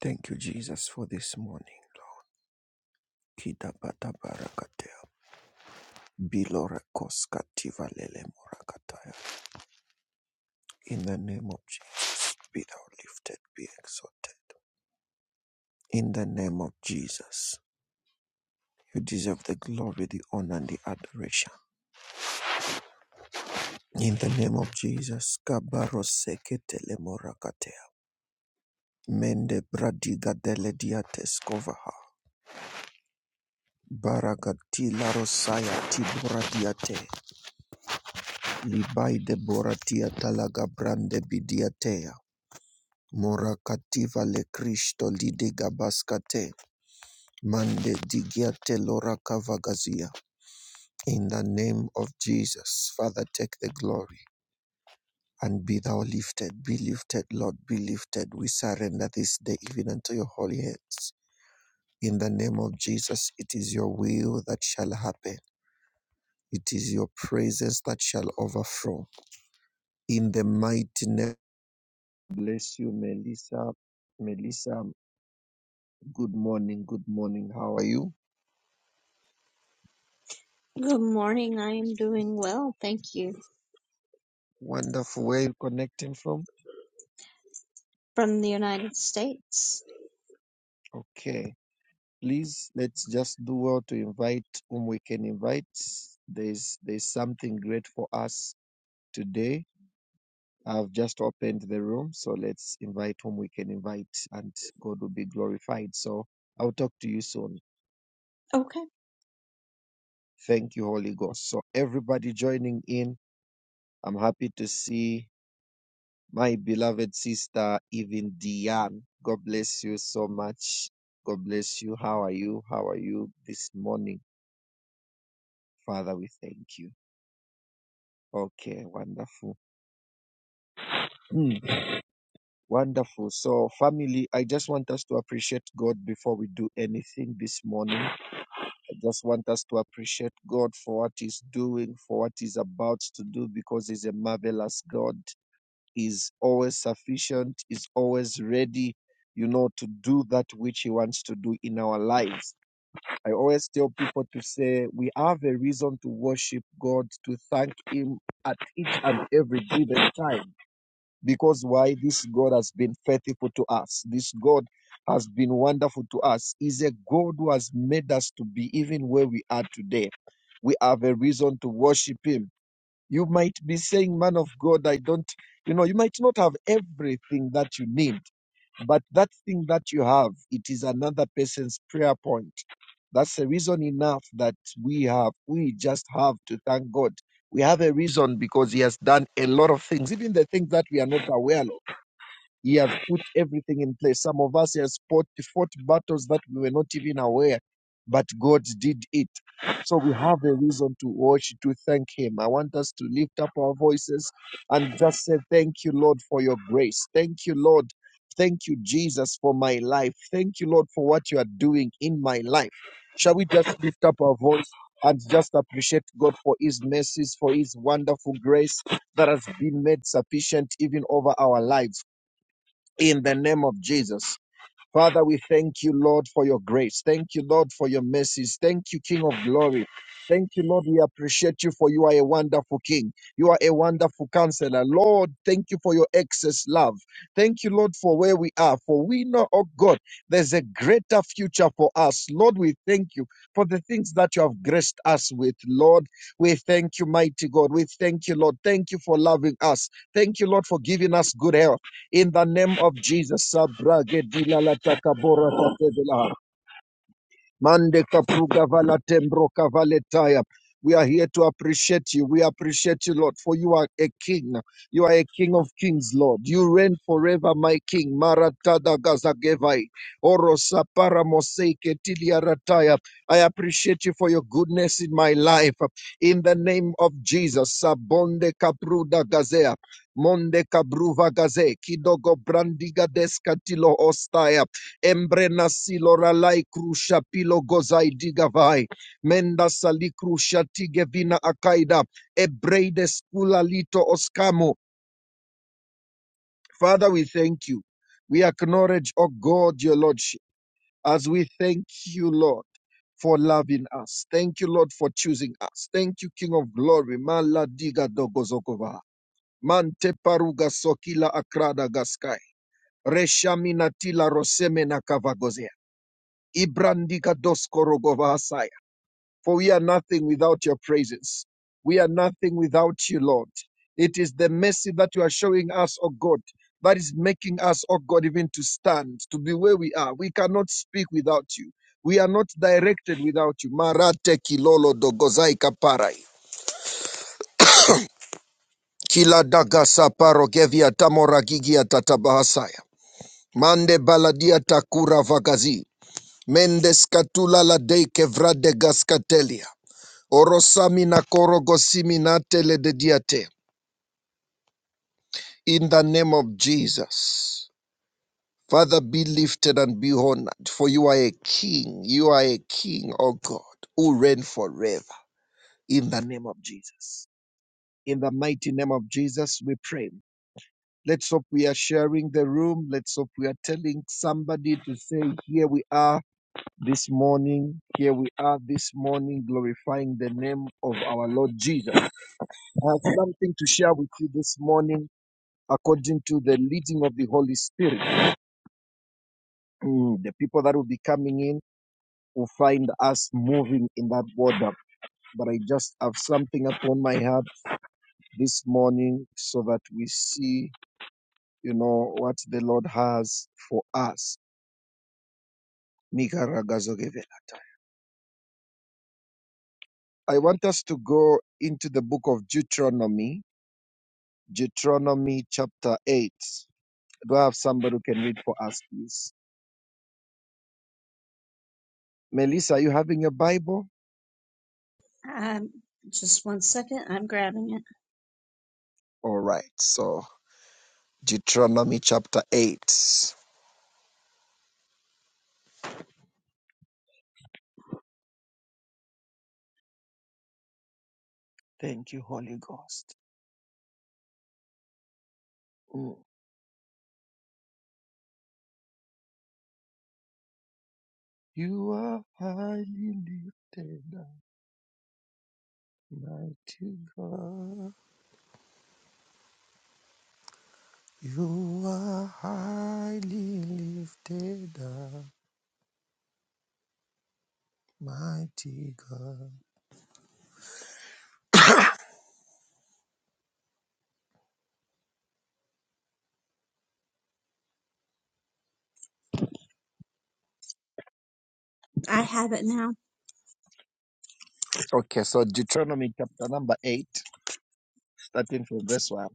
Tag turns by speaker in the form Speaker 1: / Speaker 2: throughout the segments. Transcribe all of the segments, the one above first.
Speaker 1: Thank you, Jesus, for this morning. Kidabata barakatea. Bilore koskativa lele morakataya. In the name of Jesus, be thou lifted, be exalted. In the name of Jesus, you deserve the glory, the honor, and the adoration. In the name of Jesus, kabaro seketele morakatea. Mende bradiga dele diateskova. Baragatila rosaya tibura diate. Libai de boratia talaga brande bidiatea. Mora le Cristo li gabaskate. Mande digiate lora kavagazia. In the name of Jesus, Father, take the glory. And be thou lifted, be lifted, Lord, be lifted. We surrender this day even unto your holy hands. In the name of Jesus, it is your will that shall happen. It is your presence that shall overflow. In the mighty name Bless you, Melissa. Melissa, good morning. Good morning. How are you?
Speaker 2: Good morning. I am doing well. Thank you.
Speaker 1: Wonderful. Where are you connecting from?
Speaker 2: From the United States.
Speaker 1: Okay. Please, let's just do well to invite whom we can invite. There's there's something great for us today. I've just opened the room, so let's invite whom we can invite, and God will be glorified. So I'll talk to you soon.
Speaker 2: Okay.
Speaker 1: Thank you, Holy Ghost. So everybody joining in, I'm happy to see my beloved sister, even Diane. God bless you so much. God bless you. How are you? How are you this morning? Father, we thank you. Okay, wonderful. Hmm, Wonderful. So, family, I just want us to appreciate God before we do anything this morning. I just want us to appreciate God for what He's doing, for what He's about to do, because He's a marvelous God. is always sufficient, is always ready, you know, to do that which He wants to do in our lives. I always tell people to say we have a reason to worship God, to thank Him at each and every given time. Because why? This God has been faithful to us. This God has been wonderful to us. Is a God who has made us to be even where we are today. We have a reason to worship Him you might be saying, man of God, I don't, you know, you might not have everything that you need, but that thing that you have, it is another person's prayer point. That's a reason enough that we have, we just have to thank God. We have a reason because He has done a lot of things, even the things that we are not aware of. He has put everything in place. Some of us has fought, fought battles that we were not even aware, but God did it. So we have a reason to watch to thank Him. I want us to lift up our voices and just say, Thank you, Lord, for your grace. Thank you, Lord. Thank you, Jesus, for my life. Thank you, Lord, for what you are doing in my life. Shall we just lift up our voice and just appreciate God for His mercies, for His wonderful grace that has been made sufficient even over our lives? in the name of Jesus. Father, we thank you, Lord, for your grace. Thank you, Lord, for your mercies. Thank you, King of glory. Thank you, Lord. We appreciate you for you are a wonderful King. You are a wonderful counselor. Lord, thank you for your excess love. Thank you, Lord, for where we are. For we know, oh God, there's a greater future for us. Lord, we thank you for the things that you have graced us with. Lord, we thank you, mighty God. We thank you, Lord. Thank you for loving us. Thank you, Lord, for giving us good health in the name of Jesus. Sabragedilalatakaborakatevela. Mande kapruga vala tembro kavaletaya. We are here to appreciate you. We appreciate you, Lord, for you are a king. You are a king of kings, Lord. You reign forever, my king. Maratada gazagevai. Orosa paramoseike tiliarataya. I appreciate you for your goodness in my life. In the name of Jesus. Sabonde kapruda gazea. Monde kabruva gaze. Kidogo brandiga deskatilo ostaya. Embrena silora lai krusha pilo gozai digavai. Menda sali krusha tigevina akaida. Ebreide skula lito oskamo. Father, we thank you. We acknowledge, O God, your Lordship, as we thank you, Lord, for loving us. Thank you, Lord, for choosing us. Thank you, King of Glory. Mala diga dogozokova. Mante paruga sokila akrada gaskai. Reshaminatila rosemena kavagozea. Ibrandika doskorogovahasaya. For we are nothing without your praises. We are nothing without you, Lord. It is the mercy that you are showing us, O God, that is making us, O God, even to stand, to be where we are. We cannot speak without you. We are not directed without you. Marate kilolo dogozai kaparai. Kila daga saparo gevia tamora gigia tatabahasaya. Mande baladia takura vagazi. Mendes katula la dei kevra de gaskatelia. Orosamina korogosimina teledediate. In the name of Jesus. Father, be lifted and be honored, for you are a king. You are a king, O God, who reign forever. In the name of Jesus. In the mighty name of Jesus, we pray. Let's hope we are sharing the room. Let's hope we are telling somebody to say, Here we are this morning. Here we are this morning, glorifying the name of our Lord Jesus. I have something to share with you this morning according to the leading of the Holy Spirit. Mm, the people that will be coming in will find us moving in that water. But I just have something upon my heart this morning so that we see, you know, what the Lord has for us. Nikaragazogevela. I want us to go into the book of Deuteronomy, Deuteronomy chapter 8. Do I have somebody who can read for us, please? Melissa, are you having your Bible?
Speaker 2: Um, just one second. I'm grabbing it.
Speaker 1: All right. So Deuteronomy chapter 8. Thank you, Holy Ghost. Mm. You are highly lifted up, mighty God. You are highly lifted up, mighty God.
Speaker 2: I have it now.
Speaker 1: Okay, so Deuteronomy chapter number 8, starting from verse 1.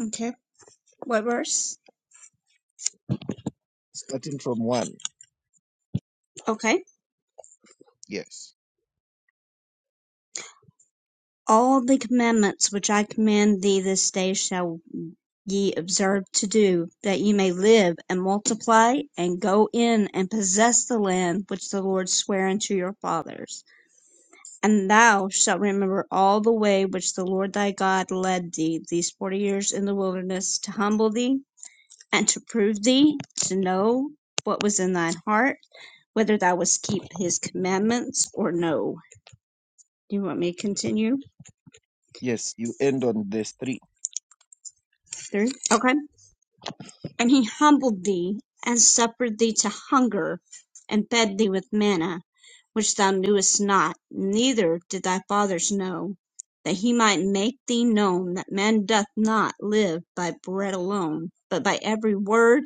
Speaker 2: Okay. What verse?
Speaker 1: Starting from 1.
Speaker 2: Okay.
Speaker 1: Yes.
Speaker 2: All the commandments which I command thee this day shall ye observe to do, that ye may live and multiply and go in and possess the land which the Lord sware unto your fathers. And thou shalt remember all the way which the Lord thy God led thee these forty years in the wilderness to humble thee and to prove thee, to know what was in thine heart, whether thou wouldst keep his commandments or no. Do you want me to continue
Speaker 1: Yes, you end on verse 3.
Speaker 2: through? Okay. And he humbled thee, and suffered thee to hunger, and fed thee with manna, which thou knewest not, neither did thy fathers know, that he might make thee known that man doth not live by bread alone, but by every word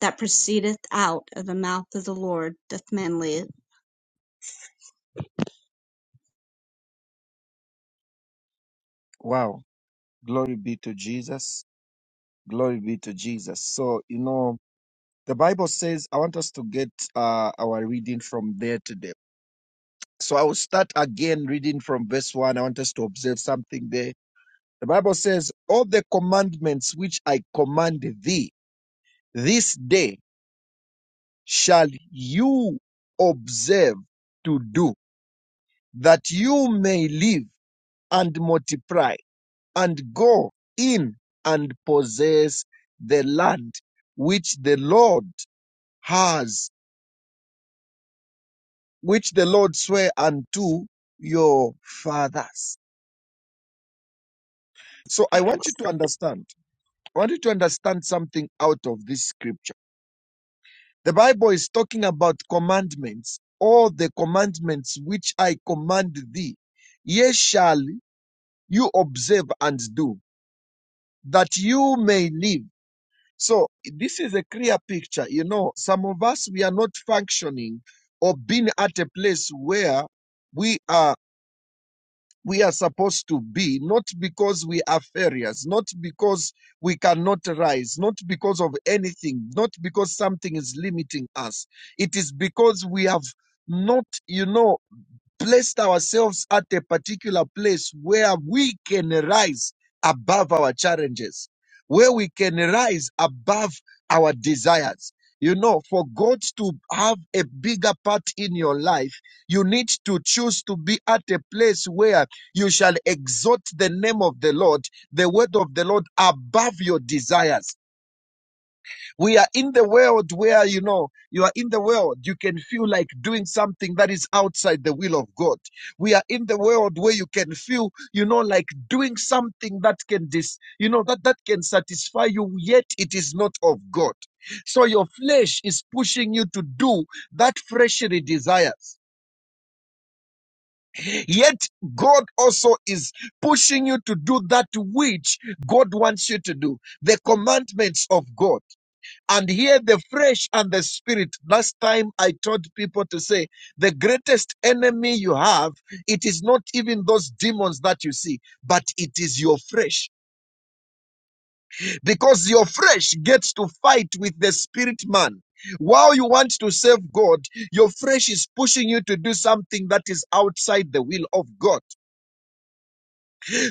Speaker 2: that proceedeth out of the mouth of the Lord doth man live.
Speaker 1: Wow. Glory be to Jesus. Glory be to Jesus. So, you know, the Bible says, I want us to get uh, our reading from there today. So I will start again reading from verse 1. I want us to observe something there. The Bible says, All the commandments which I command thee this day shall you observe to do that you may live and multiply and go in and possess the land which the Lord has, which the Lord sware unto your fathers. So I want you to understand. I want you to understand something out of this scripture. The Bible is talking about commandments, all the commandments which I command thee. Ye shall you observe and do that you may live. So this is a clear picture. You know, some of us, we are not functioning or being at a place where we are, we are supposed to be, not because we are failures, not because we cannot rise, not because of anything, not because something is limiting us. It is because we have not, you know, placed ourselves at a particular place where we can rise above our challenges, where we can rise above our desires. You know, for God to have a bigger part in your life, you need to choose to be at a place where you shall exalt the name of the Lord, the word of the Lord above your desires we are in the world where, you know, you are in the world. You can feel like doing something that is outside the will of God. We are in the world where you can feel, you know, like doing something that can dis, you know, that, that can satisfy you, yet it is not of God. So your flesh is pushing you to do that fleshly desires. Yet God also is pushing you to do that which God wants you to do. The commandments of God and here the flesh and the spirit last time i told people to say the greatest enemy you have it is not even those demons that you see but it is your flesh because your flesh gets to fight with the spirit man while you want to serve God, your flesh is pushing you to do something that is outside the will of God.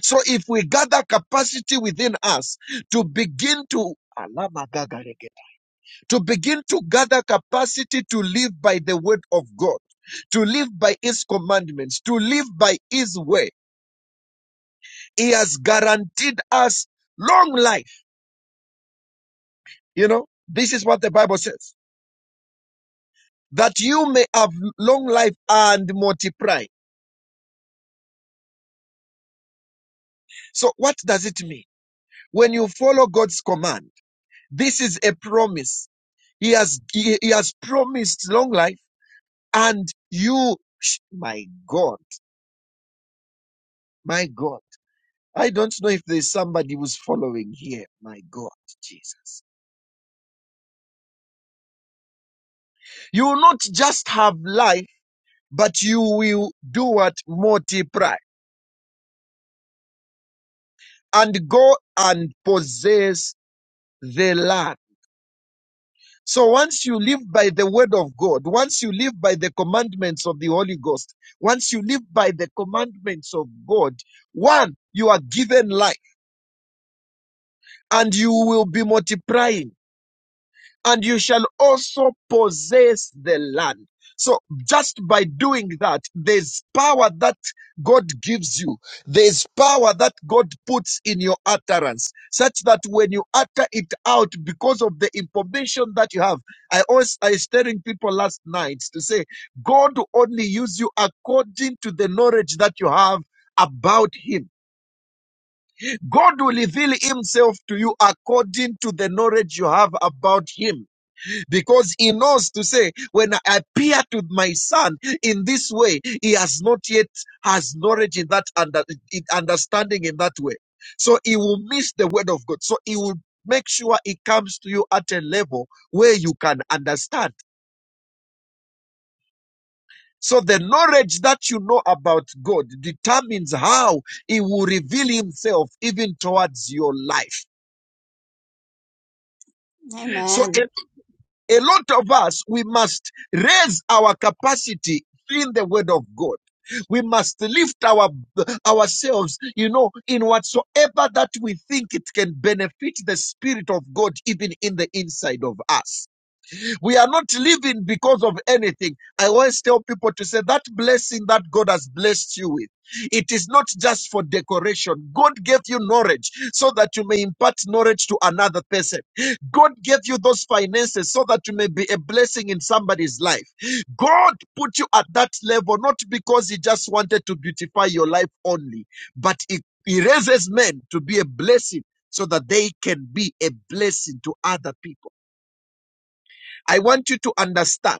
Speaker 1: So if we gather capacity within us to begin to to begin to gather capacity to live by the word of God, to live by his commandments, to live by his way. He has guaranteed us long life. You know, this is what the Bible says that you may have long life and multiply. So what does it mean? When you follow God's command, this is a promise. He has, he, he has promised long life and you, my God, my God. I don't know if there's somebody who's following here. My God, Jesus. You will not just have life, but you will do what? Multiply and go and possess the land. So once you live by the word of God, once you live by the commandments of the Holy Ghost, once you live by the commandments of God, one, you are given life and you will be multiplying. and you shall also possess the land. So just by doing that, there's power that God gives you. There's power that God puts in your utterance, such that when you utter it out because of the information that you have. I always I was telling people last night to say, God will only use you according to the knowledge that you have about Him. God will reveal Himself to you according to the knowledge you have about Him because he knows to say, when I appeared with my son in this way, he has not yet has knowledge in that under, in understanding in that way. So he will miss the word of God. So he will make sure it comes to you at a level where you can understand. So the knowledge that you know about God determines how he will reveal himself even towards your life. So a
Speaker 2: Amen.
Speaker 1: a lot of us, we must raise our capacity in the word of God. We must lift our ourselves, you know, in whatsoever that we think it can benefit the spirit of God even in the inside of us. We are not living because of anything. I always tell people to say that blessing that God has blessed you with. It is not just for decoration. God gave you knowledge so that you may impart knowledge to another person. God gave you those finances so that you may be a blessing in somebody's life. God put you at that level not because He just wanted to beautify your life only, but He, he raises men to be a blessing so that they can be a blessing to other people. I want you to understand.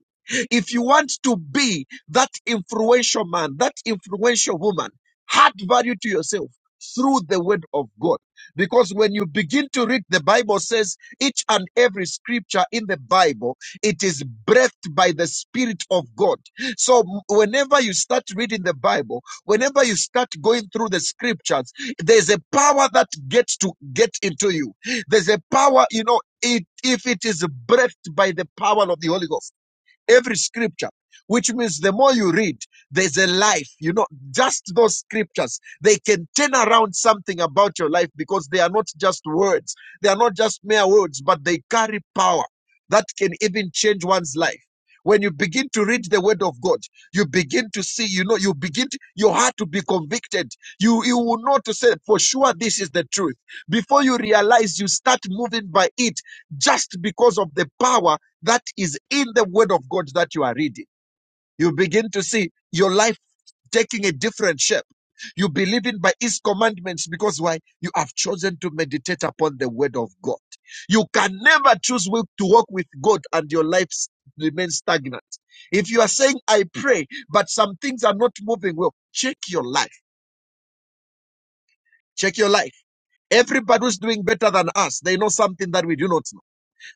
Speaker 1: If you want to be that influential man, that influential woman, add value to yourself through the word of God. Because when you begin to read, the Bible says each and every scripture in the Bible, it is breathed by the Spirit of God. So m- whenever you start reading the Bible, whenever you start going through the scriptures, there's a power that gets to get into you. There's a power, you know, it, if it is breathed by the power of the Holy Ghost every scripture which means the more you read there's a life you know just those scriptures they can turn around something about your life because they are not just words they are not just mere words but they carry power that can even change one's life when you begin to read the word of god you begin to see you know you begin to, your heart to be convicted you you will know to say for sure this is the truth before you realize you start moving by it just because of the power that is in the word of God that you are reading. You begin to see your life taking a different shape. You believe in by his commandments because why? You have chosen to meditate upon the word of God. You can never choose wi- to walk with God and your life s- remains stagnant. If you are saying, I pray, but some things are not moving well, check your life. Check your life. Everybody who's doing better than us, they know something that we do not know.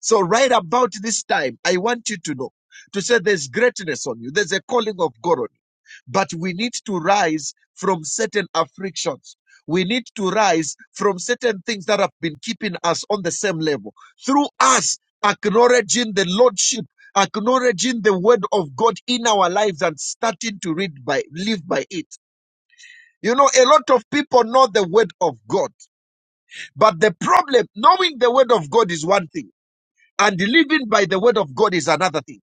Speaker 1: So, right about this time, I want you to know to say there's greatness on you, there's a calling of God on you, but we need to rise from certain afflictions. We need to rise from certain things that have been keeping us on the same level through us acknowledging the Lordship. Acknowledging the word of God in our lives and starting to read by, live by it. You know, a lot of people know the word of God, but the problem, knowing the word of God is one thing and living by the word of God is another thing.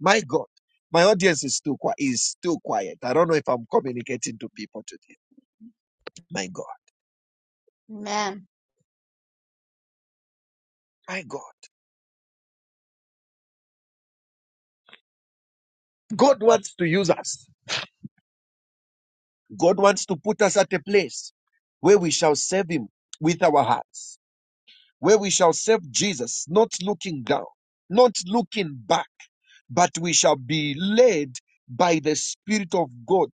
Speaker 1: My God, my audience is too quiet. Is too quiet. I don't know if I'm communicating to people today. My God,
Speaker 2: Amen.
Speaker 1: my God, God wants to use us. God wants to put us at a place where we shall serve Him with our hearts, where we shall serve Jesus, not looking down, not looking back, but we shall be led by the Spirit of God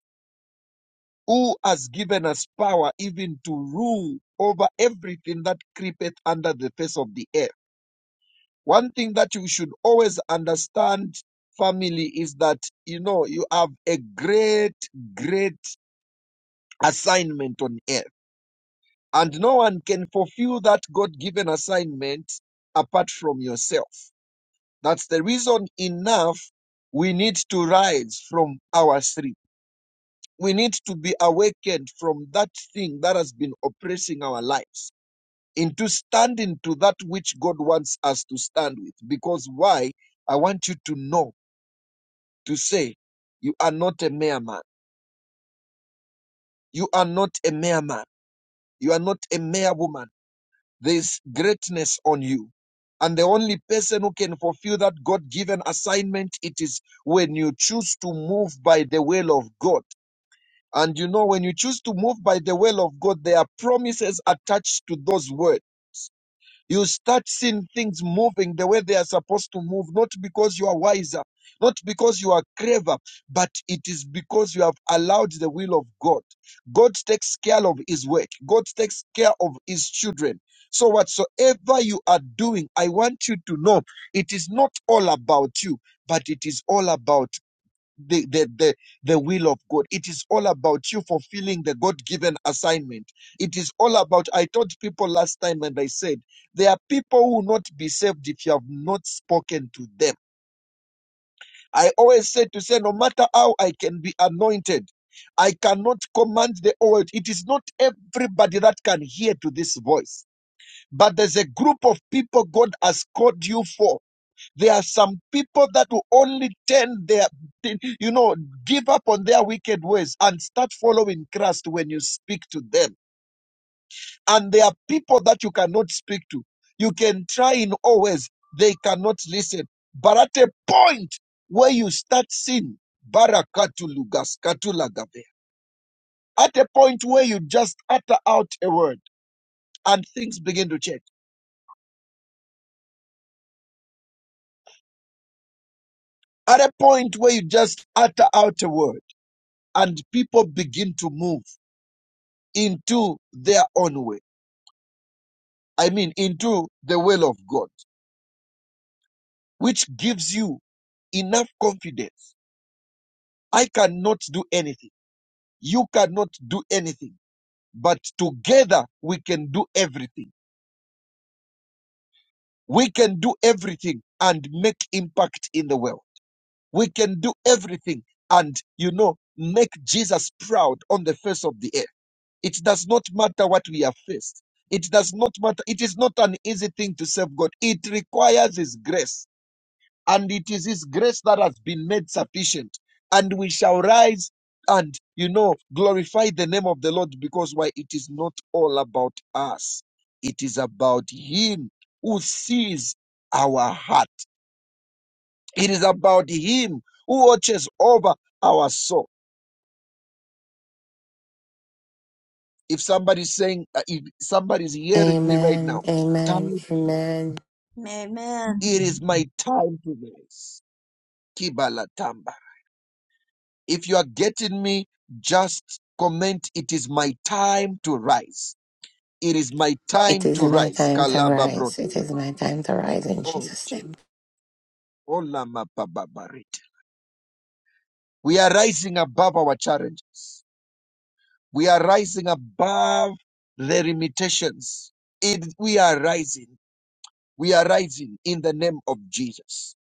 Speaker 1: who has given us power even to rule over everything that creepeth under the face of the earth. One thing that you should always understand, family, is that you know you have a great, great assignment on earth, and no one can fulfill that God given assignment apart from yourself. That's the reason enough we need to rise from our sleep We need to be awakened from that thing that has been oppressing our lives into standing to that which God wants us to stand with. Because why? I want you to know, to say, you are not a mere man. You are not a mere man. You are not a mere woman. There is greatness on you. And the only person who can fulfill that God given assignment, it is when you choose to move by the will of God And you know, when you choose to move by the will of God, there are promises attached to those words. You start seeing things moving the way they are supposed to move, not because you are wiser, not because you are clever, but it is because you have allowed the will of God. God takes care of his work, God takes care of his children. So, whatsoever you are doing, I want you to know it is not all about you, but it is all about the, the, the, the will of God. It is all about you fulfilling the God given assignment. It is all about, I told people last time and I said, there are people who will not be saved if you have not spoken to them. I always say to say, no matter how I can be anointed, I cannot command the old. It is not everybody that can hear to this voice, but there's a group of people God has called you for there are some people that will only turn their, you know, give up on their wicked ways and start following Christ when you speak to them. And there are people that you cannot speak to. You can try in all ways, they cannot listen. But at a point where you start seeing Barakatulugas, Katulagave, at a point where you just utter out a word and things begin to change, at a point where you just utter out a word and people begin to move into their own way. I mean, into the will of God, which gives you enough confidence. I cannot do anything. You cannot do anything. But together we can do everything. We can do everything and make impact in the world. We can do everything and, you know, make Jesus proud on the face of the earth. It does not matter what we have faced. It does not matter. It is not an easy thing to serve God. It requires His grace and it is his grace that has been made sufficient and we shall rise and you know glorify the name of the lord because why it is not all about us it is about him who sees our heart it is about him who watches over our soul if somebody's saying uh, if somebody's hearing me right
Speaker 3: Amen,
Speaker 1: now
Speaker 3: amen,
Speaker 1: time
Speaker 3: amen.
Speaker 2: Amen.
Speaker 1: it is my time to rise Kibala If you are getting me, just comment, it is my time to rise. It is my
Speaker 3: It
Speaker 1: time
Speaker 3: is
Speaker 1: to
Speaker 3: my
Speaker 1: rise.
Speaker 3: time to
Speaker 1: Kalaba bro-
Speaker 3: rise. It is my time to rise in
Speaker 1: Oh,
Speaker 3: Jesus'
Speaker 1: Jesus.
Speaker 3: name.
Speaker 1: Olama bababarit. We are rising above our challenges. We are rising above the limitations. It, we are rising. We are rising in the name of Jesus.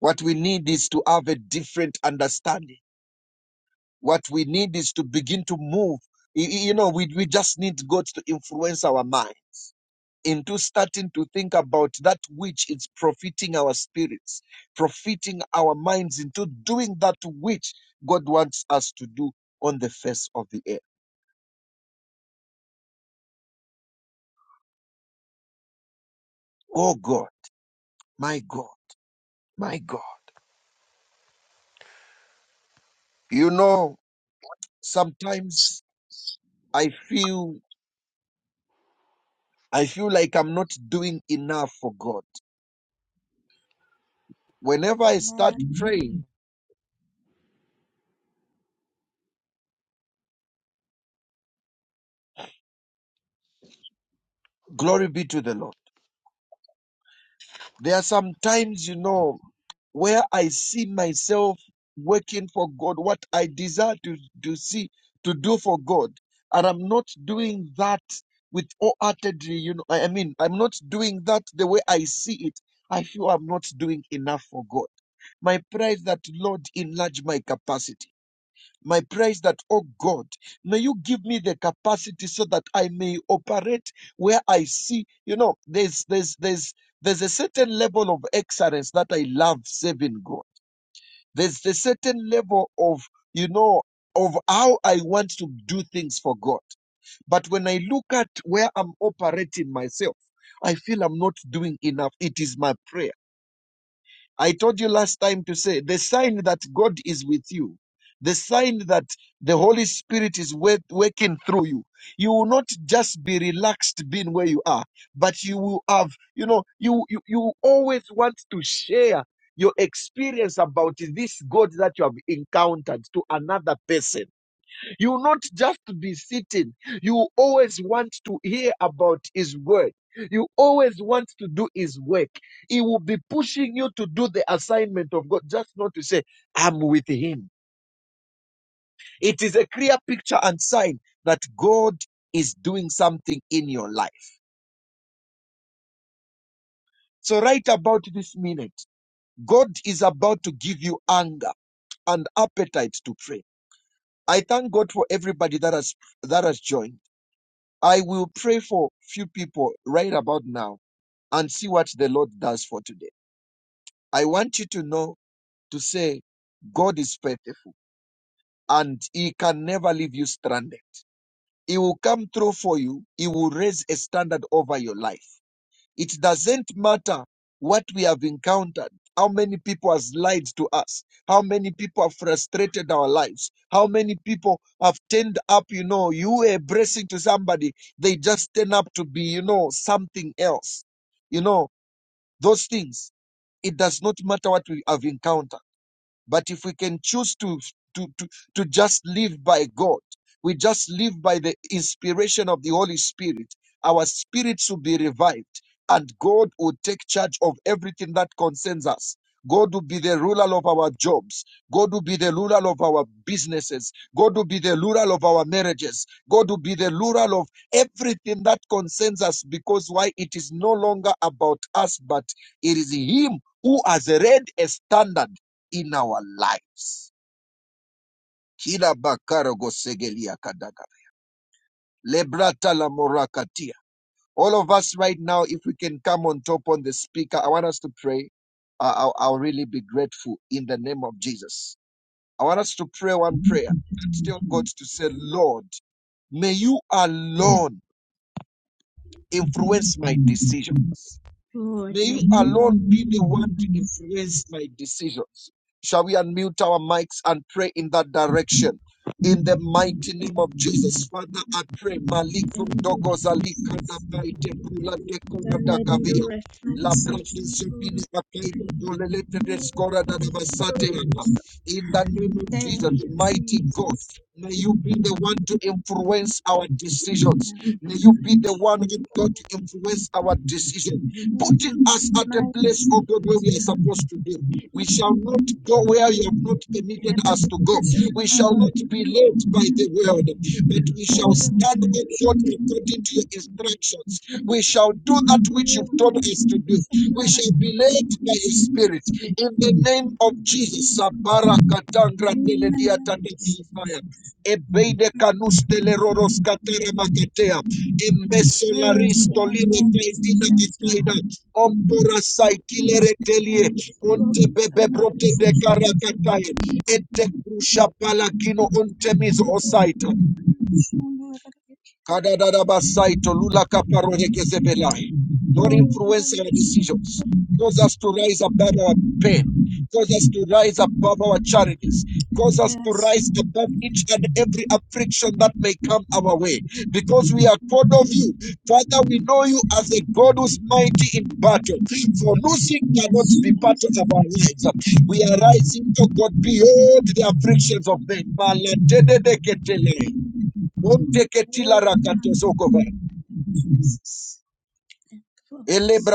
Speaker 1: What we need is to have a different understanding. What we need is to begin to move. Y- y- You know, we, we just need God to influence our mind. into starting to think about that which is profiting our spirits, profiting our minds into doing that which God wants us to do on the face of the earth. Oh God, my God, my God. You know, sometimes I feel I feel like I'm not doing enough for God. Whenever I start
Speaker 2: Amen.
Speaker 1: praying, glory be to the Lord. There are some times, you know, where I see myself working for God, what I desire to, to see, to do for God. And I'm not doing that with wholeheartedly, you know, I I mean, I'm not doing that the way I see it. I feel I'm not doing enough for God. My prayer is that, Lord, enlarge my capacity. My prayer is that, oh God, may you give me the capacity so that I may operate where I see, you know, there's there's there's there's a certain level of excellence that I love serving God. There's a certain level of, you know, of how I want to do things for God. But when I look at where I'm operating myself, I feel I'm not doing enough. It is my prayer I told you last time to say the sign that God is with you, the sign that the Holy Spirit is wo- working through you. You will not just be relaxed being where you are, but you will have, you know, you you, you always want to share your experience about this God that you have encountered to another person. You not just be sitting. You always want to hear about His word. You always want to do His work. He will be pushing you to do the assignment of God, just not to say, I'm with Him. It is a clear picture and sign that God is doing something in your life. So, right about this minute, God is about to give you anger and appetite to pray. I thank God for everybody that has that has joined. I will pray for few people right about now and see what the Lord does for today. I want you to know to say, God is faithful and He can never leave you stranded. He will come through for you, He will raise a standard over your life. It doesn't matter what we have encountered, how many people has lied to us, how many people have frustrated our lives, how many people have turned up, you know, you were a blessing to somebody, they just turn up to be, you know, something else. You know, those things. It does not matter what we have encountered. But if we can choose to, to, to, to just live by God, we just live by the inspiration of the Holy Spirit, our spirits will be revived, and God will take charge of everything that concerns us. God will be the ruler of our jobs. God will be the ruler of our businesses. God will be the ruler of our marriages. God will be the ruler of everything that concerns us because why? It is no longer about us, but it is Him who has read a standard in our lives. Kila bakarago segelia kadaga. Lebrata la morakatia. All of us right now, if we can come on top on the speaker, I want us to pray. Uh, I'll, I'll really be grateful in the name of Jesus. I want us to pray one prayer. Still, God to say, Lord, may you alone influence my decision.
Speaker 2: Lord,
Speaker 1: May
Speaker 2: may
Speaker 1: you
Speaker 2: you
Speaker 1: alone be the one to influence my decisions. Shall we unmute our mics and pray in that direction? In the mighty name of Jesus, Father, I pray. Maliko dogozalika da baite bula te
Speaker 2: Go
Speaker 1: kora da
Speaker 2: ahead and
Speaker 1: gavia.
Speaker 2: direct my
Speaker 1: Labrate
Speaker 2: decision for it.
Speaker 1: zebine akaida bolelete de
Speaker 2: Lord, damn
Speaker 1: skora da da
Speaker 2: Jesus.
Speaker 1: basate
Speaker 2: Lord,
Speaker 1: yaka. In the name of
Speaker 2: direct
Speaker 1: Jesus,
Speaker 2: my
Speaker 1: mighty God,
Speaker 2: decisions.
Speaker 1: may you be the one to influence our decisions.
Speaker 2: Every
Speaker 1: May you be the one,
Speaker 2: decision
Speaker 1: oh God, to influence our decisions putting us at a place, oh God, where we are supposed to be. We shall not go where you have not permitted us to go.
Speaker 2: in
Speaker 1: We
Speaker 2: my
Speaker 1: shall not
Speaker 2: life.
Speaker 1: be led by the world, but we shall
Speaker 2: Order the
Speaker 1: stand, oh
Speaker 2: vision.
Speaker 1: God, according to your instructions. We shall do that which you've
Speaker 2: Lord,
Speaker 1: told us to do.
Speaker 2: something
Speaker 1: We
Speaker 2: that I'm
Speaker 1: shall be led by your
Speaker 2: Jesus.
Speaker 1: spirit. In the name of Jesus, Sabarakatandra
Speaker 2: In the
Speaker 1: Teledia
Speaker 2: name of
Speaker 1: Tatatafaya.
Speaker 2: Jesus.
Speaker 1: Ebeide canus teleroros catera macatea, embeso laris
Speaker 2: Clarity and
Speaker 1: tolina
Speaker 2: all decisions, God.
Speaker 1: Ompora saikilere telie, onte bebe
Speaker 2: Robinson
Speaker 1: brote
Speaker 2: is
Speaker 1: de
Speaker 2: responsible
Speaker 1: karakataye, ete kusha palagino onte mizo
Speaker 2: for
Speaker 1: osait,
Speaker 2: promotional
Speaker 1: Kadadadabasai tolula kaparone gezebelai. Lord, influence our
Speaker 2: organization.
Speaker 1: decisions. Cause us to rise above our pain. Cause us to rise above our charities. Cause us to
Speaker 2: Yes,
Speaker 1: rise above each and every affliction that may come our way. Because we are called of you. Father, we know you as a God who's mighty in battle. For losing cannot
Speaker 2: yes,
Speaker 1: be part
Speaker 2: yes.
Speaker 1: of our lives. We are rising, to God, beyond the afflictions of men. Malatedeketele.
Speaker 2: Oh, Jesus. Influence,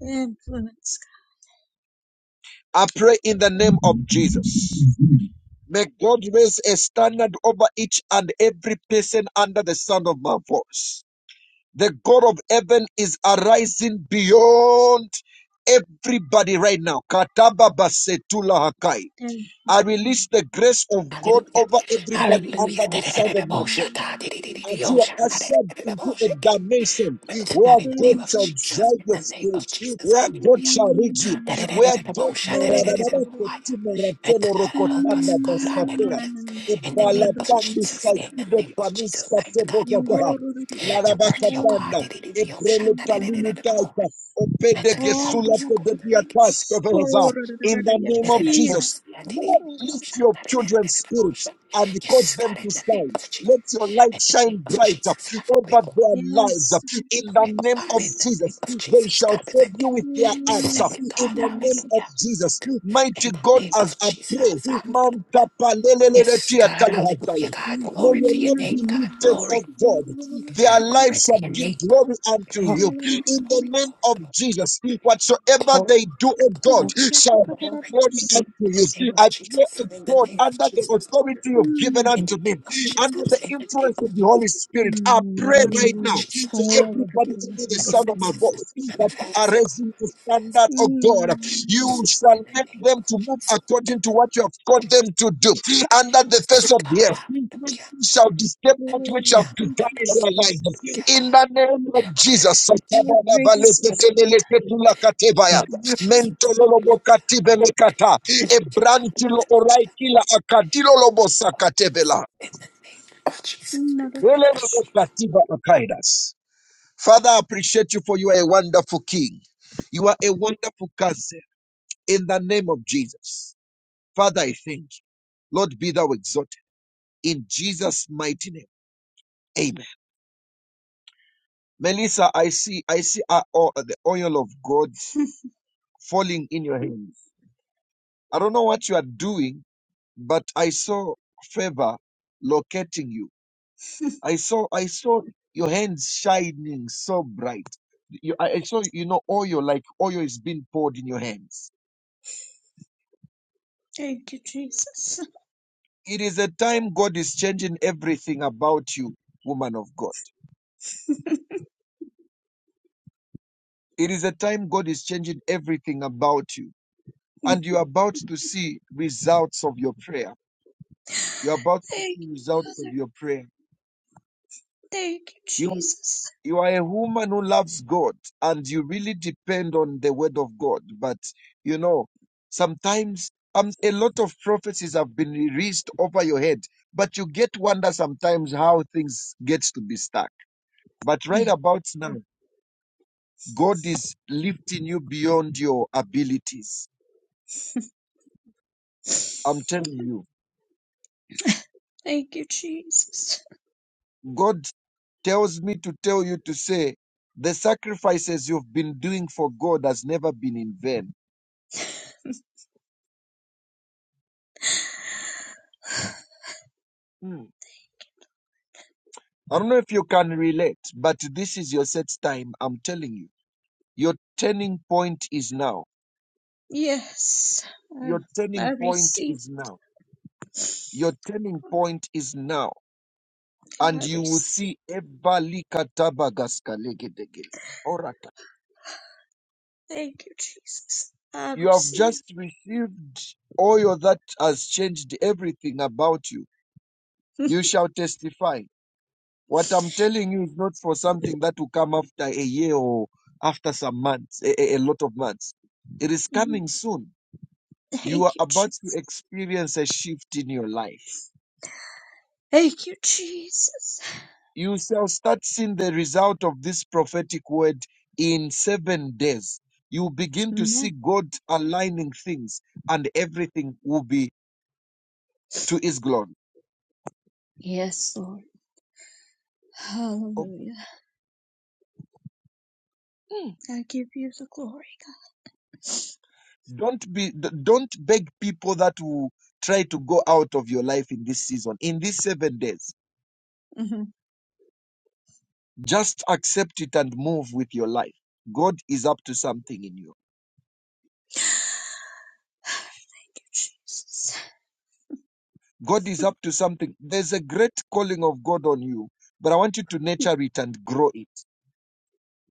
Speaker 2: influence,
Speaker 1: I pray in
Speaker 2: Oh,
Speaker 1: the name
Speaker 2: thank
Speaker 1: of Jesus.
Speaker 2: you,
Speaker 1: May God raise a standard over each and every person under the sound of my voice. The God of heaven is arising beyond everybody right now. Kataba basetula hakai. I release the grace of God
Speaker 3: Hallelujah.
Speaker 1: over everybody under
Speaker 3: Hallelujah.
Speaker 1: the sound of my voice.
Speaker 3: God,
Speaker 2: Lord.
Speaker 1: as you are ushered into a dimension where
Speaker 3: in the
Speaker 1: God
Speaker 3: name
Speaker 2: Thank
Speaker 3: of
Speaker 1: shall
Speaker 2: you,
Speaker 3: Jesus,
Speaker 1: drive
Speaker 3: in
Speaker 1: your
Speaker 3: the name
Speaker 2: Jesus.
Speaker 1: spirit,
Speaker 3: of Jesus,
Speaker 1: where God
Speaker 3: hallelujah.
Speaker 1: shall lead you,
Speaker 2: Mm, Lord.
Speaker 1: where God
Speaker 2: Oh, Lord, Lord,
Speaker 1: Maradadaba
Speaker 2: Lord,
Speaker 1: koti
Speaker 2: Lord.
Speaker 3: Let
Speaker 1: maratelo
Speaker 3: God help us,
Speaker 1: rokotanda
Speaker 2: Mm, na-
Speaker 3: God,
Speaker 2: na- na- na-
Speaker 3: hallelujah.
Speaker 2: na- na.
Speaker 3: In the
Speaker 2: Dear
Speaker 3: name
Speaker 2: little
Speaker 3: of Jesus,
Speaker 2: baby.
Speaker 3: in the name of Jesus, mighty God, you're worthy.
Speaker 2: Ngoro da- da- da- da.
Speaker 3: You're worthy, oh
Speaker 2: Koro da- da-
Speaker 1: Larabakatanda.
Speaker 2: oh,
Speaker 1: Ebrelo
Speaker 2: Simba da- da- da.
Speaker 3: God. Let
Speaker 1: Opede
Speaker 3: the God help
Speaker 2: Koro
Speaker 1: gesula
Speaker 3: us
Speaker 2: da- da-
Speaker 3: God
Speaker 2: da-
Speaker 3: to
Speaker 2: da- da.
Speaker 3: make it
Speaker 1: tedebiatas
Speaker 3: simple.
Speaker 1: kebeleza.
Speaker 2: Shoro da- da-
Speaker 1: In
Speaker 2: da- da.
Speaker 1: the name of
Speaker 2: Yaki da-
Speaker 1: Jesus,
Speaker 2: da- da- da.
Speaker 1: Lord,
Speaker 2: Shoro da-
Speaker 1: lift your
Speaker 2: da- da.
Speaker 1: children's spirits and cause
Speaker 3: Yes, God,
Speaker 1: them to
Speaker 3: in the name
Speaker 1: stand.
Speaker 3: of Jesus.
Speaker 1: Let your light
Speaker 3: In the
Speaker 1: shine
Speaker 3: name of
Speaker 1: bright
Speaker 3: Jesus, have your way,
Speaker 1: over
Speaker 3: Lord.
Speaker 1: their
Speaker 2: Yes,
Speaker 1: lives
Speaker 2: Lord
Speaker 1: in
Speaker 3: Have
Speaker 1: the
Speaker 3: your way, oh
Speaker 1: name
Speaker 3: God,
Speaker 1: of
Speaker 3: in the
Speaker 2: Jesus,
Speaker 3: name
Speaker 1: Jesus.
Speaker 3: of
Speaker 1: They
Speaker 3: Jesus,
Speaker 1: shall
Speaker 3: God, we
Speaker 1: serve
Speaker 3: thank
Speaker 1: you
Speaker 3: you.
Speaker 1: with their
Speaker 3: We
Speaker 1: hearts
Speaker 3: thank you,
Speaker 2: Jesus,
Speaker 1: in
Speaker 3: God,
Speaker 1: the name
Speaker 2: Jesus,
Speaker 1: of
Speaker 3: hallelujah.
Speaker 1: Jesus.
Speaker 2: Jesus.
Speaker 1: Mighty
Speaker 3: In the
Speaker 1: God,
Speaker 3: name
Speaker 1: as
Speaker 3: of
Speaker 1: I pray,
Speaker 3: Jesus,
Speaker 1: man,
Speaker 3: hallelujah.
Speaker 1: tapa, lelelele,
Speaker 3: Yes,
Speaker 1: tia,
Speaker 3: God,
Speaker 1: tala,
Speaker 3: hallelujah,
Speaker 1: hataya.
Speaker 3: God,
Speaker 1: may
Speaker 3: glory
Speaker 1: your
Speaker 3: to
Speaker 2: Mm,
Speaker 3: your
Speaker 1: name
Speaker 2: na- na-
Speaker 1: be
Speaker 3: name,
Speaker 2: na-
Speaker 3: God,
Speaker 2: na- na.
Speaker 1: lifted up,
Speaker 3: glory,
Speaker 1: God.
Speaker 2: Shoro da- da- da. Koro da- da- da-
Speaker 1: Their
Speaker 2: oh,
Speaker 1: lives
Speaker 3: glory
Speaker 1: shall
Speaker 3: to your
Speaker 1: give
Speaker 3: name,
Speaker 1: glory unto
Speaker 3: glory,
Speaker 1: you
Speaker 2: Koro
Speaker 3: glory,
Speaker 1: in the
Speaker 3: glory,
Speaker 1: name of
Speaker 3: glory,
Speaker 1: Jesus. Whatsoever
Speaker 3: glory, glory,
Speaker 1: they do, O God,
Speaker 3: glory,
Speaker 2: da-
Speaker 1: shall
Speaker 3: God, glory.
Speaker 2: da- da-
Speaker 1: glory
Speaker 2: da.
Speaker 1: unto
Speaker 3: In the
Speaker 1: you.
Speaker 3: name of
Speaker 1: I pray to
Speaker 3: Jesus. In the
Speaker 1: God
Speaker 3: name of
Speaker 1: under the
Speaker 3: Jesus.
Speaker 1: authority you've given
Speaker 2: Mm.
Speaker 3: In the
Speaker 1: unto me,
Speaker 3: name of Jesus.
Speaker 1: under the
Speaker 3: In the name
Speaker 1: influence
Speaker 3: of
Speaker 1: of the
Speaker 3: Jesus.
Speaker 1: Holy Spirit. I
Speaker 2: Mm,
Speaker 1: pray
Speaker 3: In the name
Speaker 1: right
Speaker 3: of
Speaker 1: now
Speaker 2: 여러분은
Speaker 3: Jesus.
Speaker 1: to
Speaker 3: Hallelujah.
Speaker 2: 영어로
Speaker 1: everybody
Speaker 2: 대부분
Speaker 1: under the
Speaker 2: 같은 거를
Speaker 1: sound of
Speaker 3: Manifest
Speaker 1: my
Speaker 2: 대답해
Speaker 1: voice
Speaker 3: yourself.
Speaker 1: that
Speaker 3: Manifest. oh
Speaker 1: you
Speaker 2: 주시거든요.
Speaker 1: are
Speaker 3: God,
Speaker 1: raising the
Speaker 3: Manifest.
Speaker 1: standard of God.
Speaker 2: 음,
Speaker 1: You
Speaker 3: yourself In
Speaker 1: shall
Speaker 3: the
Speaker 1: make
Speaker 3: name
Speaker 1: them
Speaker 3: of
Speaker 1: to move
Speaker 3: Jesus. In
Speaker 1: according
Speaker 3: the
Speaker 1: to
Speaker 3: name
Speaker 1: what you have called them to do under the
Speaker 3: of Jesus.
Speaker 1: face of the
Speaker 3: God.
Speaker 1: earth. Nothing
Speaker 3: Hallelujah.
Speaker 1: Shall disturb that which you have
Speaker 2: 그리고
Speaker 3: Hallelujah.
Speaker 1: begun
Speaker 3: Hallelujah.
Speaker 1: in your
Speaker 2: Jesus.
Speaker 1: life.
Speaker 3: God. Hallelujah.
Speaker 1: In
Speaker 3: Jesus.
Speaker 1: the
Speaker 3: In the
Speaker 1: name
Speaker 3: name
Speaker 1: of
Speaker 3: of
Speaker 1: Jesus
Speaker 3: Jesus. Hallelujah.
Speaker 2: Lord, we just
Speaker 3: Hallelujah.
Speaker 1: mentololobokatibelekata
Speaker 3: God.
Speaker 1: ebrantilo
Speaker 3: Hallelujah.
Speaker 1: oraikila
Speaker 3: Of Jesus.
Speaker 1: akadilolobosakatebela
Speaker 3: In the name of Jesus. we
Speaker 2: another
Speaker 3: pray. Hallelujah.
Speaker 1: elelobokatiba akaidas. Father, I appreciate you for you are a wonderful King. You are a wonderful cousin in the name of Jesus. Father, I thank you. Lord, be thou exalted in Jesus' mighty name. Amen. Melissa, I see, I see uh, oh, the oil of God falling in your hands. I don't know what you are doing, but I saw favor locating you. I saw, I saw your hands shining so bright. You, I, I saw, you know, oil, like oil is being poured in your hands.
Speaker 2: thank you, Jesus.
Speaker 1: It is a time God is changing everything about you, woman of God. It is a time God is changing everything about you. And you're about to see results of your prayer. You're about to
Speaker 2: Thank
Speaker 1: see
Speaker 2: you,
Speaker 1: results of
Speaker 2: Father.
Speaker 1: your prayer.
Speaker 2: Thank you, Jesus.
Speaker 1: you are a woman who loves God and you really depend on the word of God. But you know, sometimes um, a lot of prophecies have been released over your head, but you get wonder sometimes how things get to be stuck. But right
Speaker 2: Yeah.
Speaker 1: about now, God is lifting you beyond your abilities. I'm telling you,
Speaker 2: Thank you, Jesus.
Speaker 1: God tells me to tell you to say the sacrifices you've been doing for God has never been in vain. Hmm. I don't know if you can relate, but this is your set time. I'm telling you. Your turning point is now.
Speaker 2: Yes, I,
Speaker 1: Your
Speaker 2: I
Speaker 1: turning point
Speaker 2: receive.
Speaker 1: is now. Your turning point is now. And
Speaker 2: I
Speaker 1: you will
Speaker 2: receive.
Speaker 1: see Ebalikatabagaskalegedegele. Orata.
Speaker 2: Thank you, Jesus. I
Speaker 1: You have
Speaker 2: receive.
Speaker 1: just received oil that has changed everything about you. You shall testify. What I'm telling you is not for something that will come after a year or after some months, a, a a lot of months. It is coming soon You are
Speaker 2: Thank you, Jesus.
Speaker 1: about to experience a shift in your life.
Speaker 2: Thank you, Jesus.
Speaker 1: You shall start seeing the result of this prophetic word in seven days. You begin to see
Speaker 2: Amen.
Speaker 1: God aligning things, and everything will be to His glory.
Speaker 2: Yes, Lord.
Speaker 1: Oh,
Speaker 2: Hallelujah. I give you the glory.
Speaker 1: don't be d- don't beg people that will try to go out of your life in this season in these seven days
Speaker 2: Mhm.
Speaker 1: just accept it and move with your life god is up to something in you
Speaker 2: Thank you, Jesus.
Speaker 1: God is up to something. There's a great calling of God on you, but I want you to nurture it and grow it.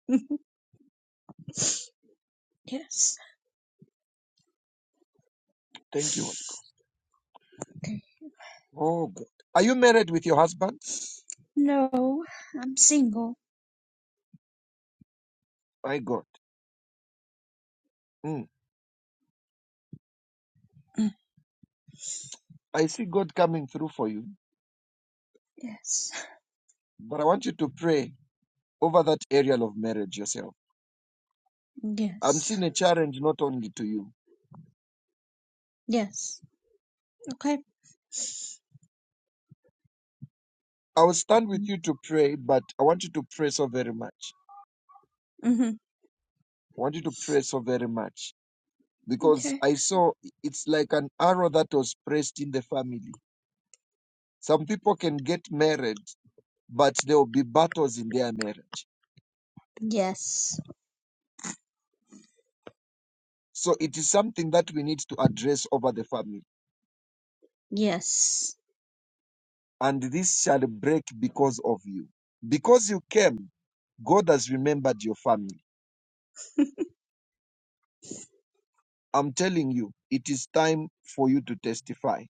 Speaker 2: Mhm. yes.
Speaker 1: Thank you, Holy Ghost.
Speaker 2: Okay.
Speaker 1: Oh, God. Are you married with your husband?
Speaker 2: No, I'm single.
Speaker 1: My God. Mm.
Speaker 2: Mm.
Speaker 1: I see God coming through for you,
Speaker 2: Yes.
Speaker 1: but I want you to pray over that area of marriage yourself. I'm
Speaker 2: Yes.
Speaker 1: seeing a challenge not only to you.
Speaker 2: Yes. Okay.
Speaker 1: I will stand with you to pray, but I want you to pray so very much.
Speaker 2: hmm
Speaker 1: I want you to pray so very much because
Speaker 2: Okay.
Speaker 1: I saw it's like an arrow that was pressed in the family. Some people can get married but there will be battles in their marriage.
Speaker 2: Yes.
Speaker 1: So it is something that we need to address over the family.
Speaker 2: Yes.
Speaker 1: And this shall break because of you. Because you came, God has remembered your family. I'm telling you, it is time for you to testify.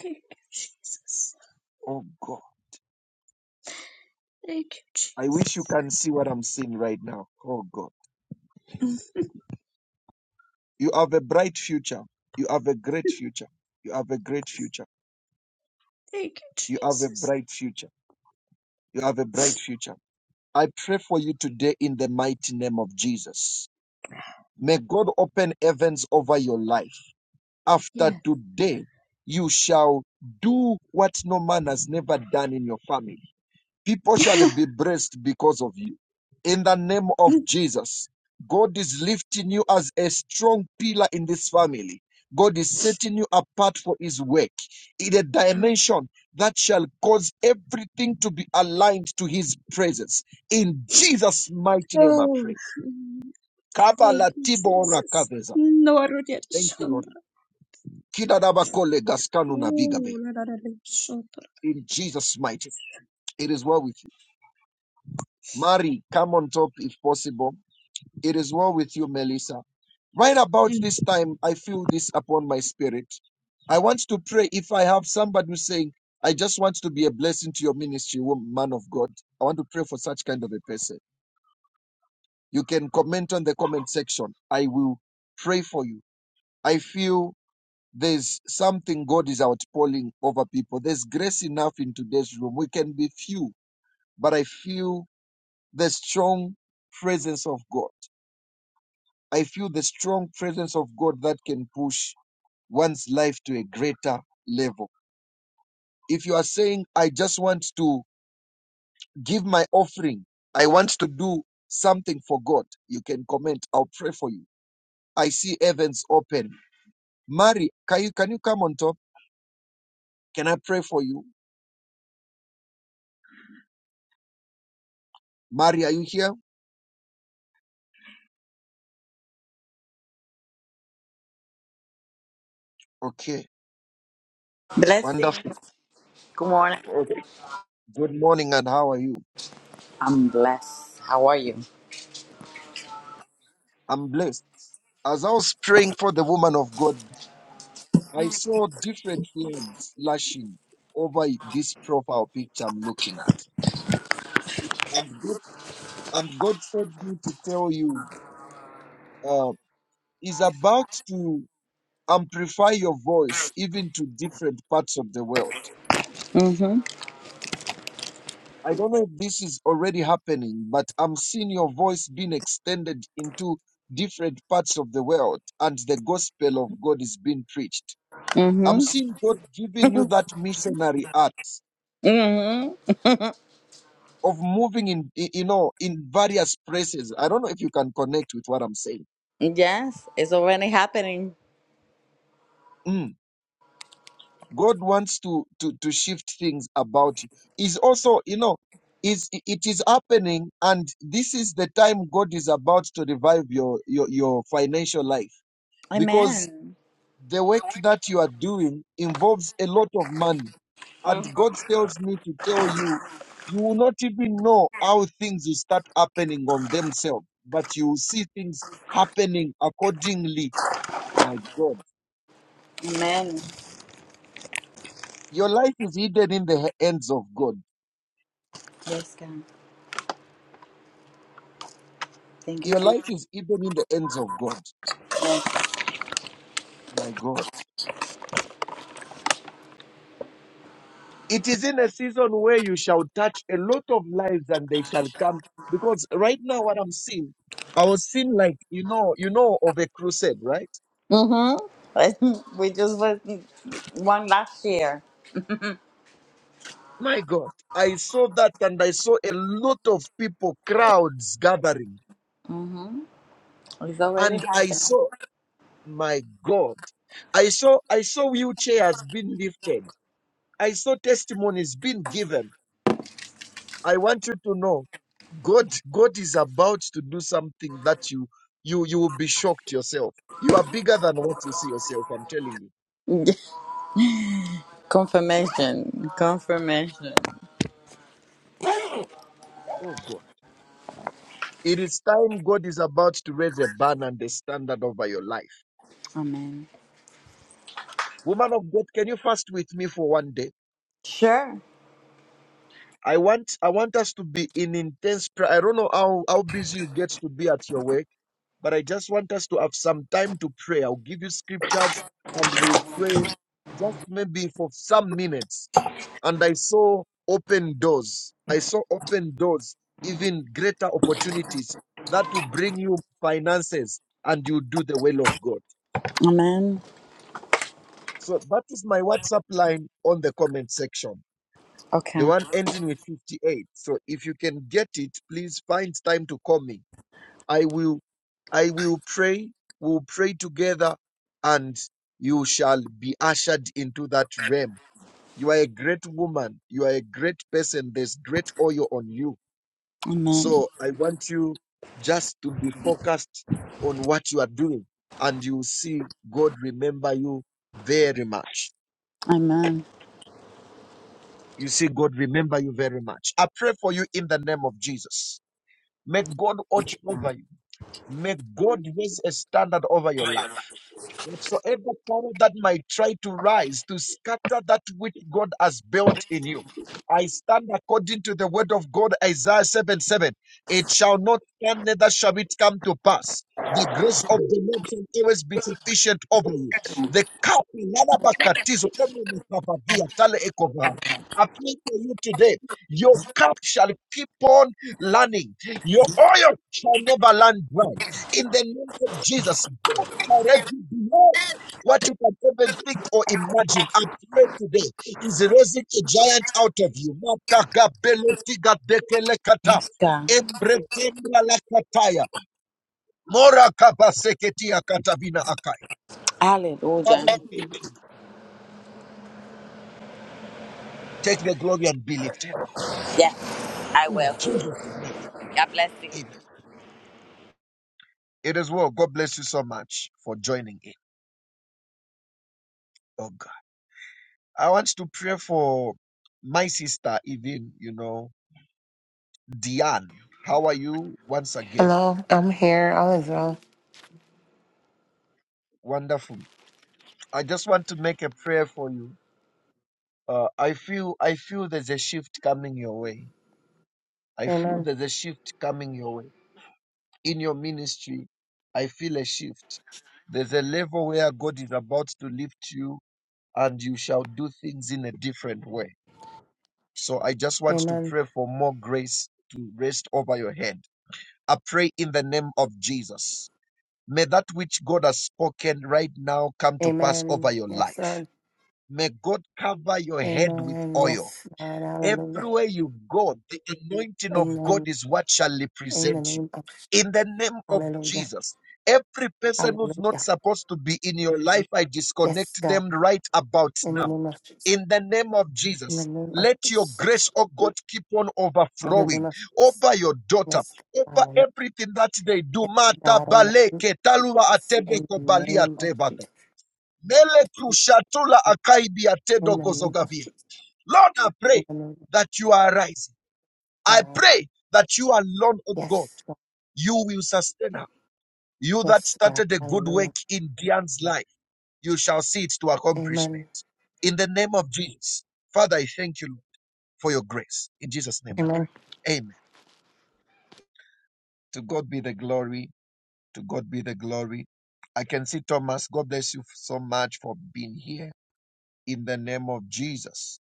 Speaker 2: Thank you, Jesus.
Speaker 1: Oh God,
Speaker 2: Thank you,
Speaker 1: I wish you
Speaker 2: Jesus.
Speaker 1: can see what I'm seeing right now. Oh God,
Speaker 2: Mm.
Speaker 1: you have a bright future. You have a great future. You have a great future.
Speaker 2: Thank
Speaker 1: You
Speaker 2: you,
Speaker 1: have a
Speaker 2: Jesus.
Speaker 1: bright future. You have a bright future. I pray for you today in the mighty name of Jesus. May God open heavens over your life. After
Speaker 2: Yeah.
Speaker 1: today, you shall do what no man has never done in your family. People shall be blessed because of you. In the name of Jesus, God is lifting you as a strong pillar in this family. God is setting you apart for his work in a dimension that shall cause everything to be aligned to his presence. In Jesus' mighty name, I
Speaker 2: oh.
Speaker 1: pray.
Speaker 2: Thank
Speaker 1: Kabbalah
Speaker 2: you,
Speaker 1: Tibor
Speaker 2: Jesus.
Speaker 1: Thank you, Lord.
Speaker 2: Norodiashandra.
Speaker 1: Kidadabakole gaskanu navigave.
Speaker 2: Ooh, la-da-da-da-shandra.
Speaker 1: In Jesus' mighty, it is well with you. Mary, come on top if possible. It is well with you, Melissa. Right about
Speaker 2: Thank
Speaker 1: this time, I feel this upon my spirit. I want to pray if I have somebody who's saying, I just want to be a blessing to your ministry, wo- man of God. I want to pray for such kind of a person. You can comment on the comment section. I will pray for you. I feel There's something God is outpouring over people. There's grace enough in today's room. We can be few, but I feel the strong presence of God. I feel the strong presence of God that can push one's life to a greater level. If you are saying, I just want to give my offering, I want to do something for God, you can comment. I'll pray for you. I see heavens open. Mary, can you, can you come on top? Can I pray for you? Mary, are you here? Okay. Wonderful.
Speaker 4: Blessings. Good morning.
Speaker 1: Okay. Good morning, and how are you?
Speaker 4: I'm blessed. How are you?
Speaker 1: I'm blessed. As I was praying for the woman of God, I saw different flames flashing over this profile picture I'm looking at. And God, and God told me to tell you, uh, He's about to amplify your voice even to different parts of the world.
Speaker 4: Mm-hmm.
Speaker 1: I don't know if this is already happening, but I'm seeing your voice being extended into different parts of the world and the gospel of God is being preached. I'm
Speaker 4: Mm-hmm.
Speaker 1: seeing God giving you that missionary art
Speaker 4: Mm-hmm.
Speaker 1: of moving in, i- you know, in various places. I don't know if you can connect with what I'm saying.
Speaker 4: Yes, it's already happening.
Speaker 1: Mm. God wants to, to, to shift things about you. Is also, you know, is it is happening and this is the time God is about to revive your, your, your financial life because
Speaker 4: Amen.
Speaker 1: the work that you are doing involves a lot of money. And
Speaker 4: Mhm.
Speaker 1: God tells me to tell you, you will not even know how things will start happening on themselves, but you will see things happening accordingly. My God,
Speaker 4: Amen.
Speaker 1: your life is hidden in the hands of God.
Speaker 4: Yes, God. Thank you,
Speaker 1: Your life
Speaker 4: Jesus.
Speaker 1: is hidden in the hands of God.
Speaker 4: Yes.
Speaker 1: My God. It is in a season where you shall touch a lot of lives and they shall come. Because right now, what I'm seeing, I was seeing like, you know, you know, of a crusade, right?
Speaker 4: Mm-hmm. We just was one last year.
Speaker 1: My God, I saw that and I saw a lot of people, crowds gathering.
Speaker 4: It's already
Speaker 1: And I
Speaker 4: happening.
Speaker 1: saw, my God, I saw, I saw wheelchairs being lifted. I saw testimonies being given. I want you to know God, God is about to do something that you you you will be shocked yourself. You are bigger than what you see yourself, I'm telling you.
Speaker 4: Yeah. Confirmation. Confirmation.
Speaker 1: Oh God. It is time God is about to raise a banner and a standard over your life.
Speaker 4: Amen.
Speaker 1: Woman of God, can you fast with me for one day?
Speaker 4: Sure.
Speaker 1: I want I want us to be in intense prayer. I don't know how, how busy you get to be at your work but I just want us to have some time to pray. I'll give you scriptures and we'll pray just maybe for some minutes and I saw open doors. I saw open doors, even greater opportunities that will bring you finances and you do the will of God.
Speaker 4: Amen.
Speaker 1: So that is my WhatsApp line on the comment section, the
Speaker 4: Okay.
Speaker 1: one ending with 58. So if you can get it, please find time to call me. I will, I will pray. We'll pray together and you shall be ushered into that realm. You are a great woman. You are a great person. There's great oil on you
Speaker 4: Amen.
Speaker 1: So I want you just to be focused on what you are doing, and you see God remember you very much.
Speaker 4: Amen.
Speaker 1: You see God remember you very much. I pray for you in the name of Jesus. May God watch over you. May God raise a standard over your life. Whatsoever power that might try to rise to scatter that which God has built in you. I stand according to the word of God, Isaiah 7 7. It shall not stand, neither shall it come to pass. The grace of the Lord shall always be sufficient over you. The cup Lalabakatizo, Emunekavadia, Tale Ekova. I pray for you today. Your cup shall keep on running. Your oil shall never run dry in the name of Jesus. God shall raise you beyond what you can even think or imagine. I pray today is raising a giant out of you. Mataka belotiga dekelekata.
Speaker 4: Yes, God.
Speaker 1: Embretembra lakataya. Mora kabaseketia katabina akai. Father,
Speaker 4: Hallelujah.
Speaker 1: we thank you. Take the glory and be lifted, Lord.
Speaker 4: Yeah, I
Speaker 1: In
Speaker 4: will.
Speaker 1: Jesus' name.
Speaker 4: God bless you.
Speaker 1: Amen. It is well. God bless you so much for joining in. Oh God. I want to pray for my sister, even, you know. Diane, how are you once again?
Speaker 3: Hello, I'm here. All is well.
Speaker 1: Wonderful. I just want to make a prayer for you. Uh, I feel I feel there's a shift coming your way. I
Speaker 3: Amen.
Speaker 1: feel there's a shift coming your way in your ministry. I feel a shift. There's a level where God is about to lift you, and you shall do things in a different way. So I just want to
Speaker 3: Amen.
Speaker 1: pray for more grace to rest over your head. I pray in the name of Jesus May that which God has spoken right now come to pass over
Speaker 3: Amen.
Speaker 1: your
Speaker 3: Yes,
Speaker 1: life.
Speaker 3: Lord.
Speaker 1: May God cover your head with
Speaker 3: Amen.
Speaker 1: oil.
Speaker 3: Yes, Lord. Hallelujah.
Speaker 1: Everywhere you go, the anointing of God
Speaker 3: Amen.
Speaker 1: is what shall
Speaker 3: In the
Speaker 1: represent you.
Speaker 3: name of
Speaker 1: In the name of
Speaker 3: Hallelujah.
Speaker 1: Jesus, every person who's not
Speaker 3: Hallelujah.
Speaker 1: supposed to be in your life, I
Speaker 3: Yes,
Speaker 1: disconnect
Speaker 3: God.
Speaker 1: them right about
Speaker 3: In the
Speaker 1: now.
Speaker 3: name of Jesus.
Speaker 1: In the name of
Speaker 3: In the
Speaker 1: Jesus,
Speaker 3: name of
Speaker 1: let your
Speaker 3: Jesus.
Speaker 1: grace, oh God, keep on
Speaker 3: In the name
Speaker 1: overflowing
Speaker 3: of Jesus.
Speaker 1: over your daughter,
Speaker 3: Yes, God.
Speaker 1: over
Speaker 3: Hallelujah.
Speaker 1: everything that they do.
Speaker 3: Yes,
Speaker 1: Mata
Speaker 3: God, in the name
Speaker 1: baleke
Speaker 3: of
Speaker 1: talua
Speaker 3: Jesus. In
Speaker 1: atebe
Speaker 3: the
Speaker 1: kobalia
Speaker 3: name of Jesus.
Speaker 1: tebada. Mele krushatula akaidi
Speaker 3: In
Speaker 1: atedo
Speaker 3: the name of
Speaker 1: gozogabia.
Speaker 3: Jesus.
Speaker 1: Lord, I
Speaker 3: In
Speaker 1: pray
Speaker 3: the name of
Speaker 1: that you are rising. I
Speaker 3: God.
Speaker 1: pray that you alone, O God,
Speaker 3: Yes, Lord.
Speaker 1: you will sustain her. You that
Speaker 3: Yes, God.
Speaker 1: started a good work
Speaker 3: Hallelujah.
Speaker 1: in Diane's life, you shall see it to
Speaker 3: Amen.
Speaker 1: accomplishment. In the name of Jesus, Father, I thank you for your grace. In Jesus' name I
Speaker 3: Amen.
Speaker 1: pray. Amen. To God be the glory. To God be the glory. I can see Thomas. God bless you so much for being here. In the name of Jesus.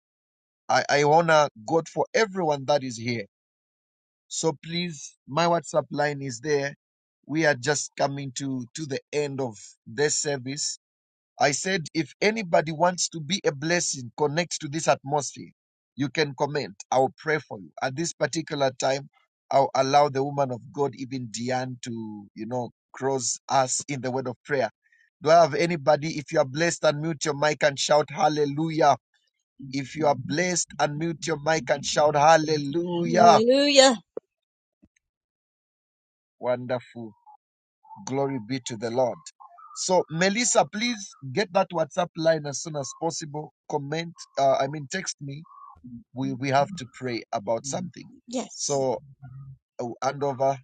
Speaker 1: I, I honor God for everyone that is here So please, my WhatsApp line is there. We are just coming to, to the end of this service. I said, if anybody wants to be a blessing, connect to this atmosphere. You can comment. I'll pray for you. At this particular time, I'll allow the woman of God, even Diane, to, you know, cross us in the word of prayer. Do I have anybody? If you are blessed, unmute your mic and shout hallelujah. If you are blessed, unmute your mic and shout
Speaker 2: you.
Speaker 1: hallelujah.
Speaker 2: Hallelujah.
Speaker 1: Wonderful. Glory be to the Lord. So, Melissa, please get that WhatsApp line as soon as possible. Comment, uh, I mean, text me. We, we have to pray about something.
Speaker 2: Yes.
Speaker 1: So, I will hand over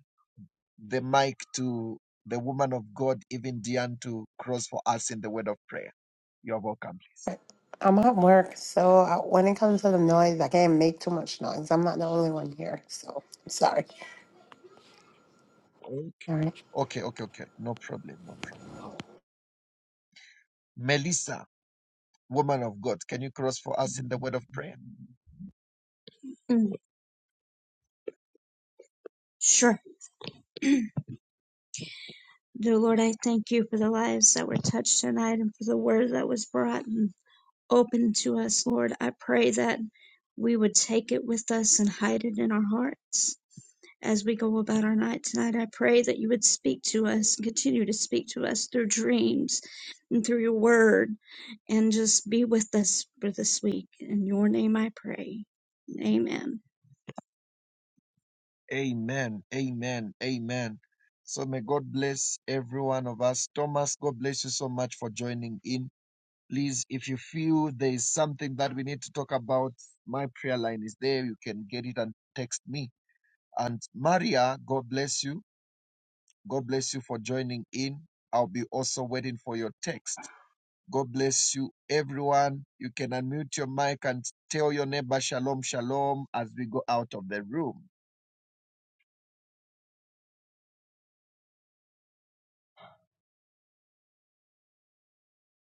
Speaker 1: the mic to the woman of God, even Diane, to cross for us in the word of prayer. You're welcome, please.
Speaker 3: I'm at work, so uh, when it comes to the noise, I can't make too much noise. I'm not the only one here, so I'm sorry. All right.
Speaker 1: Okay, okay, okay. No problem, no problem. Melissa, woman of God, can you cross for us in the word of prayer?
Speaker 2: Mm, sure. Dear Lord, I thank you for the lives that were touched tonight and for the word that was brought and opened to us, Lord. I pray that we would take it with us and hide it in our hearts. as we go about our night tonight. I pray that you would speak to us and continue to speak to us through dreams and through your word and just be with us for this week. In your name I pray. Amen.
Speaker 1: Amen. Amen. Amen. So may God bless every one of us. Thomas, God bless you so much for joining in. Please, if you feel there is something that we need to talk about, my prayer line is there. You can get it and text me. And Maria, God bless you. God bless you for joining in. I'll be also waiting for your text. God bless you, everyone. You can unmute your mic and tell your neighbor shalom, shalom as we go out of the room.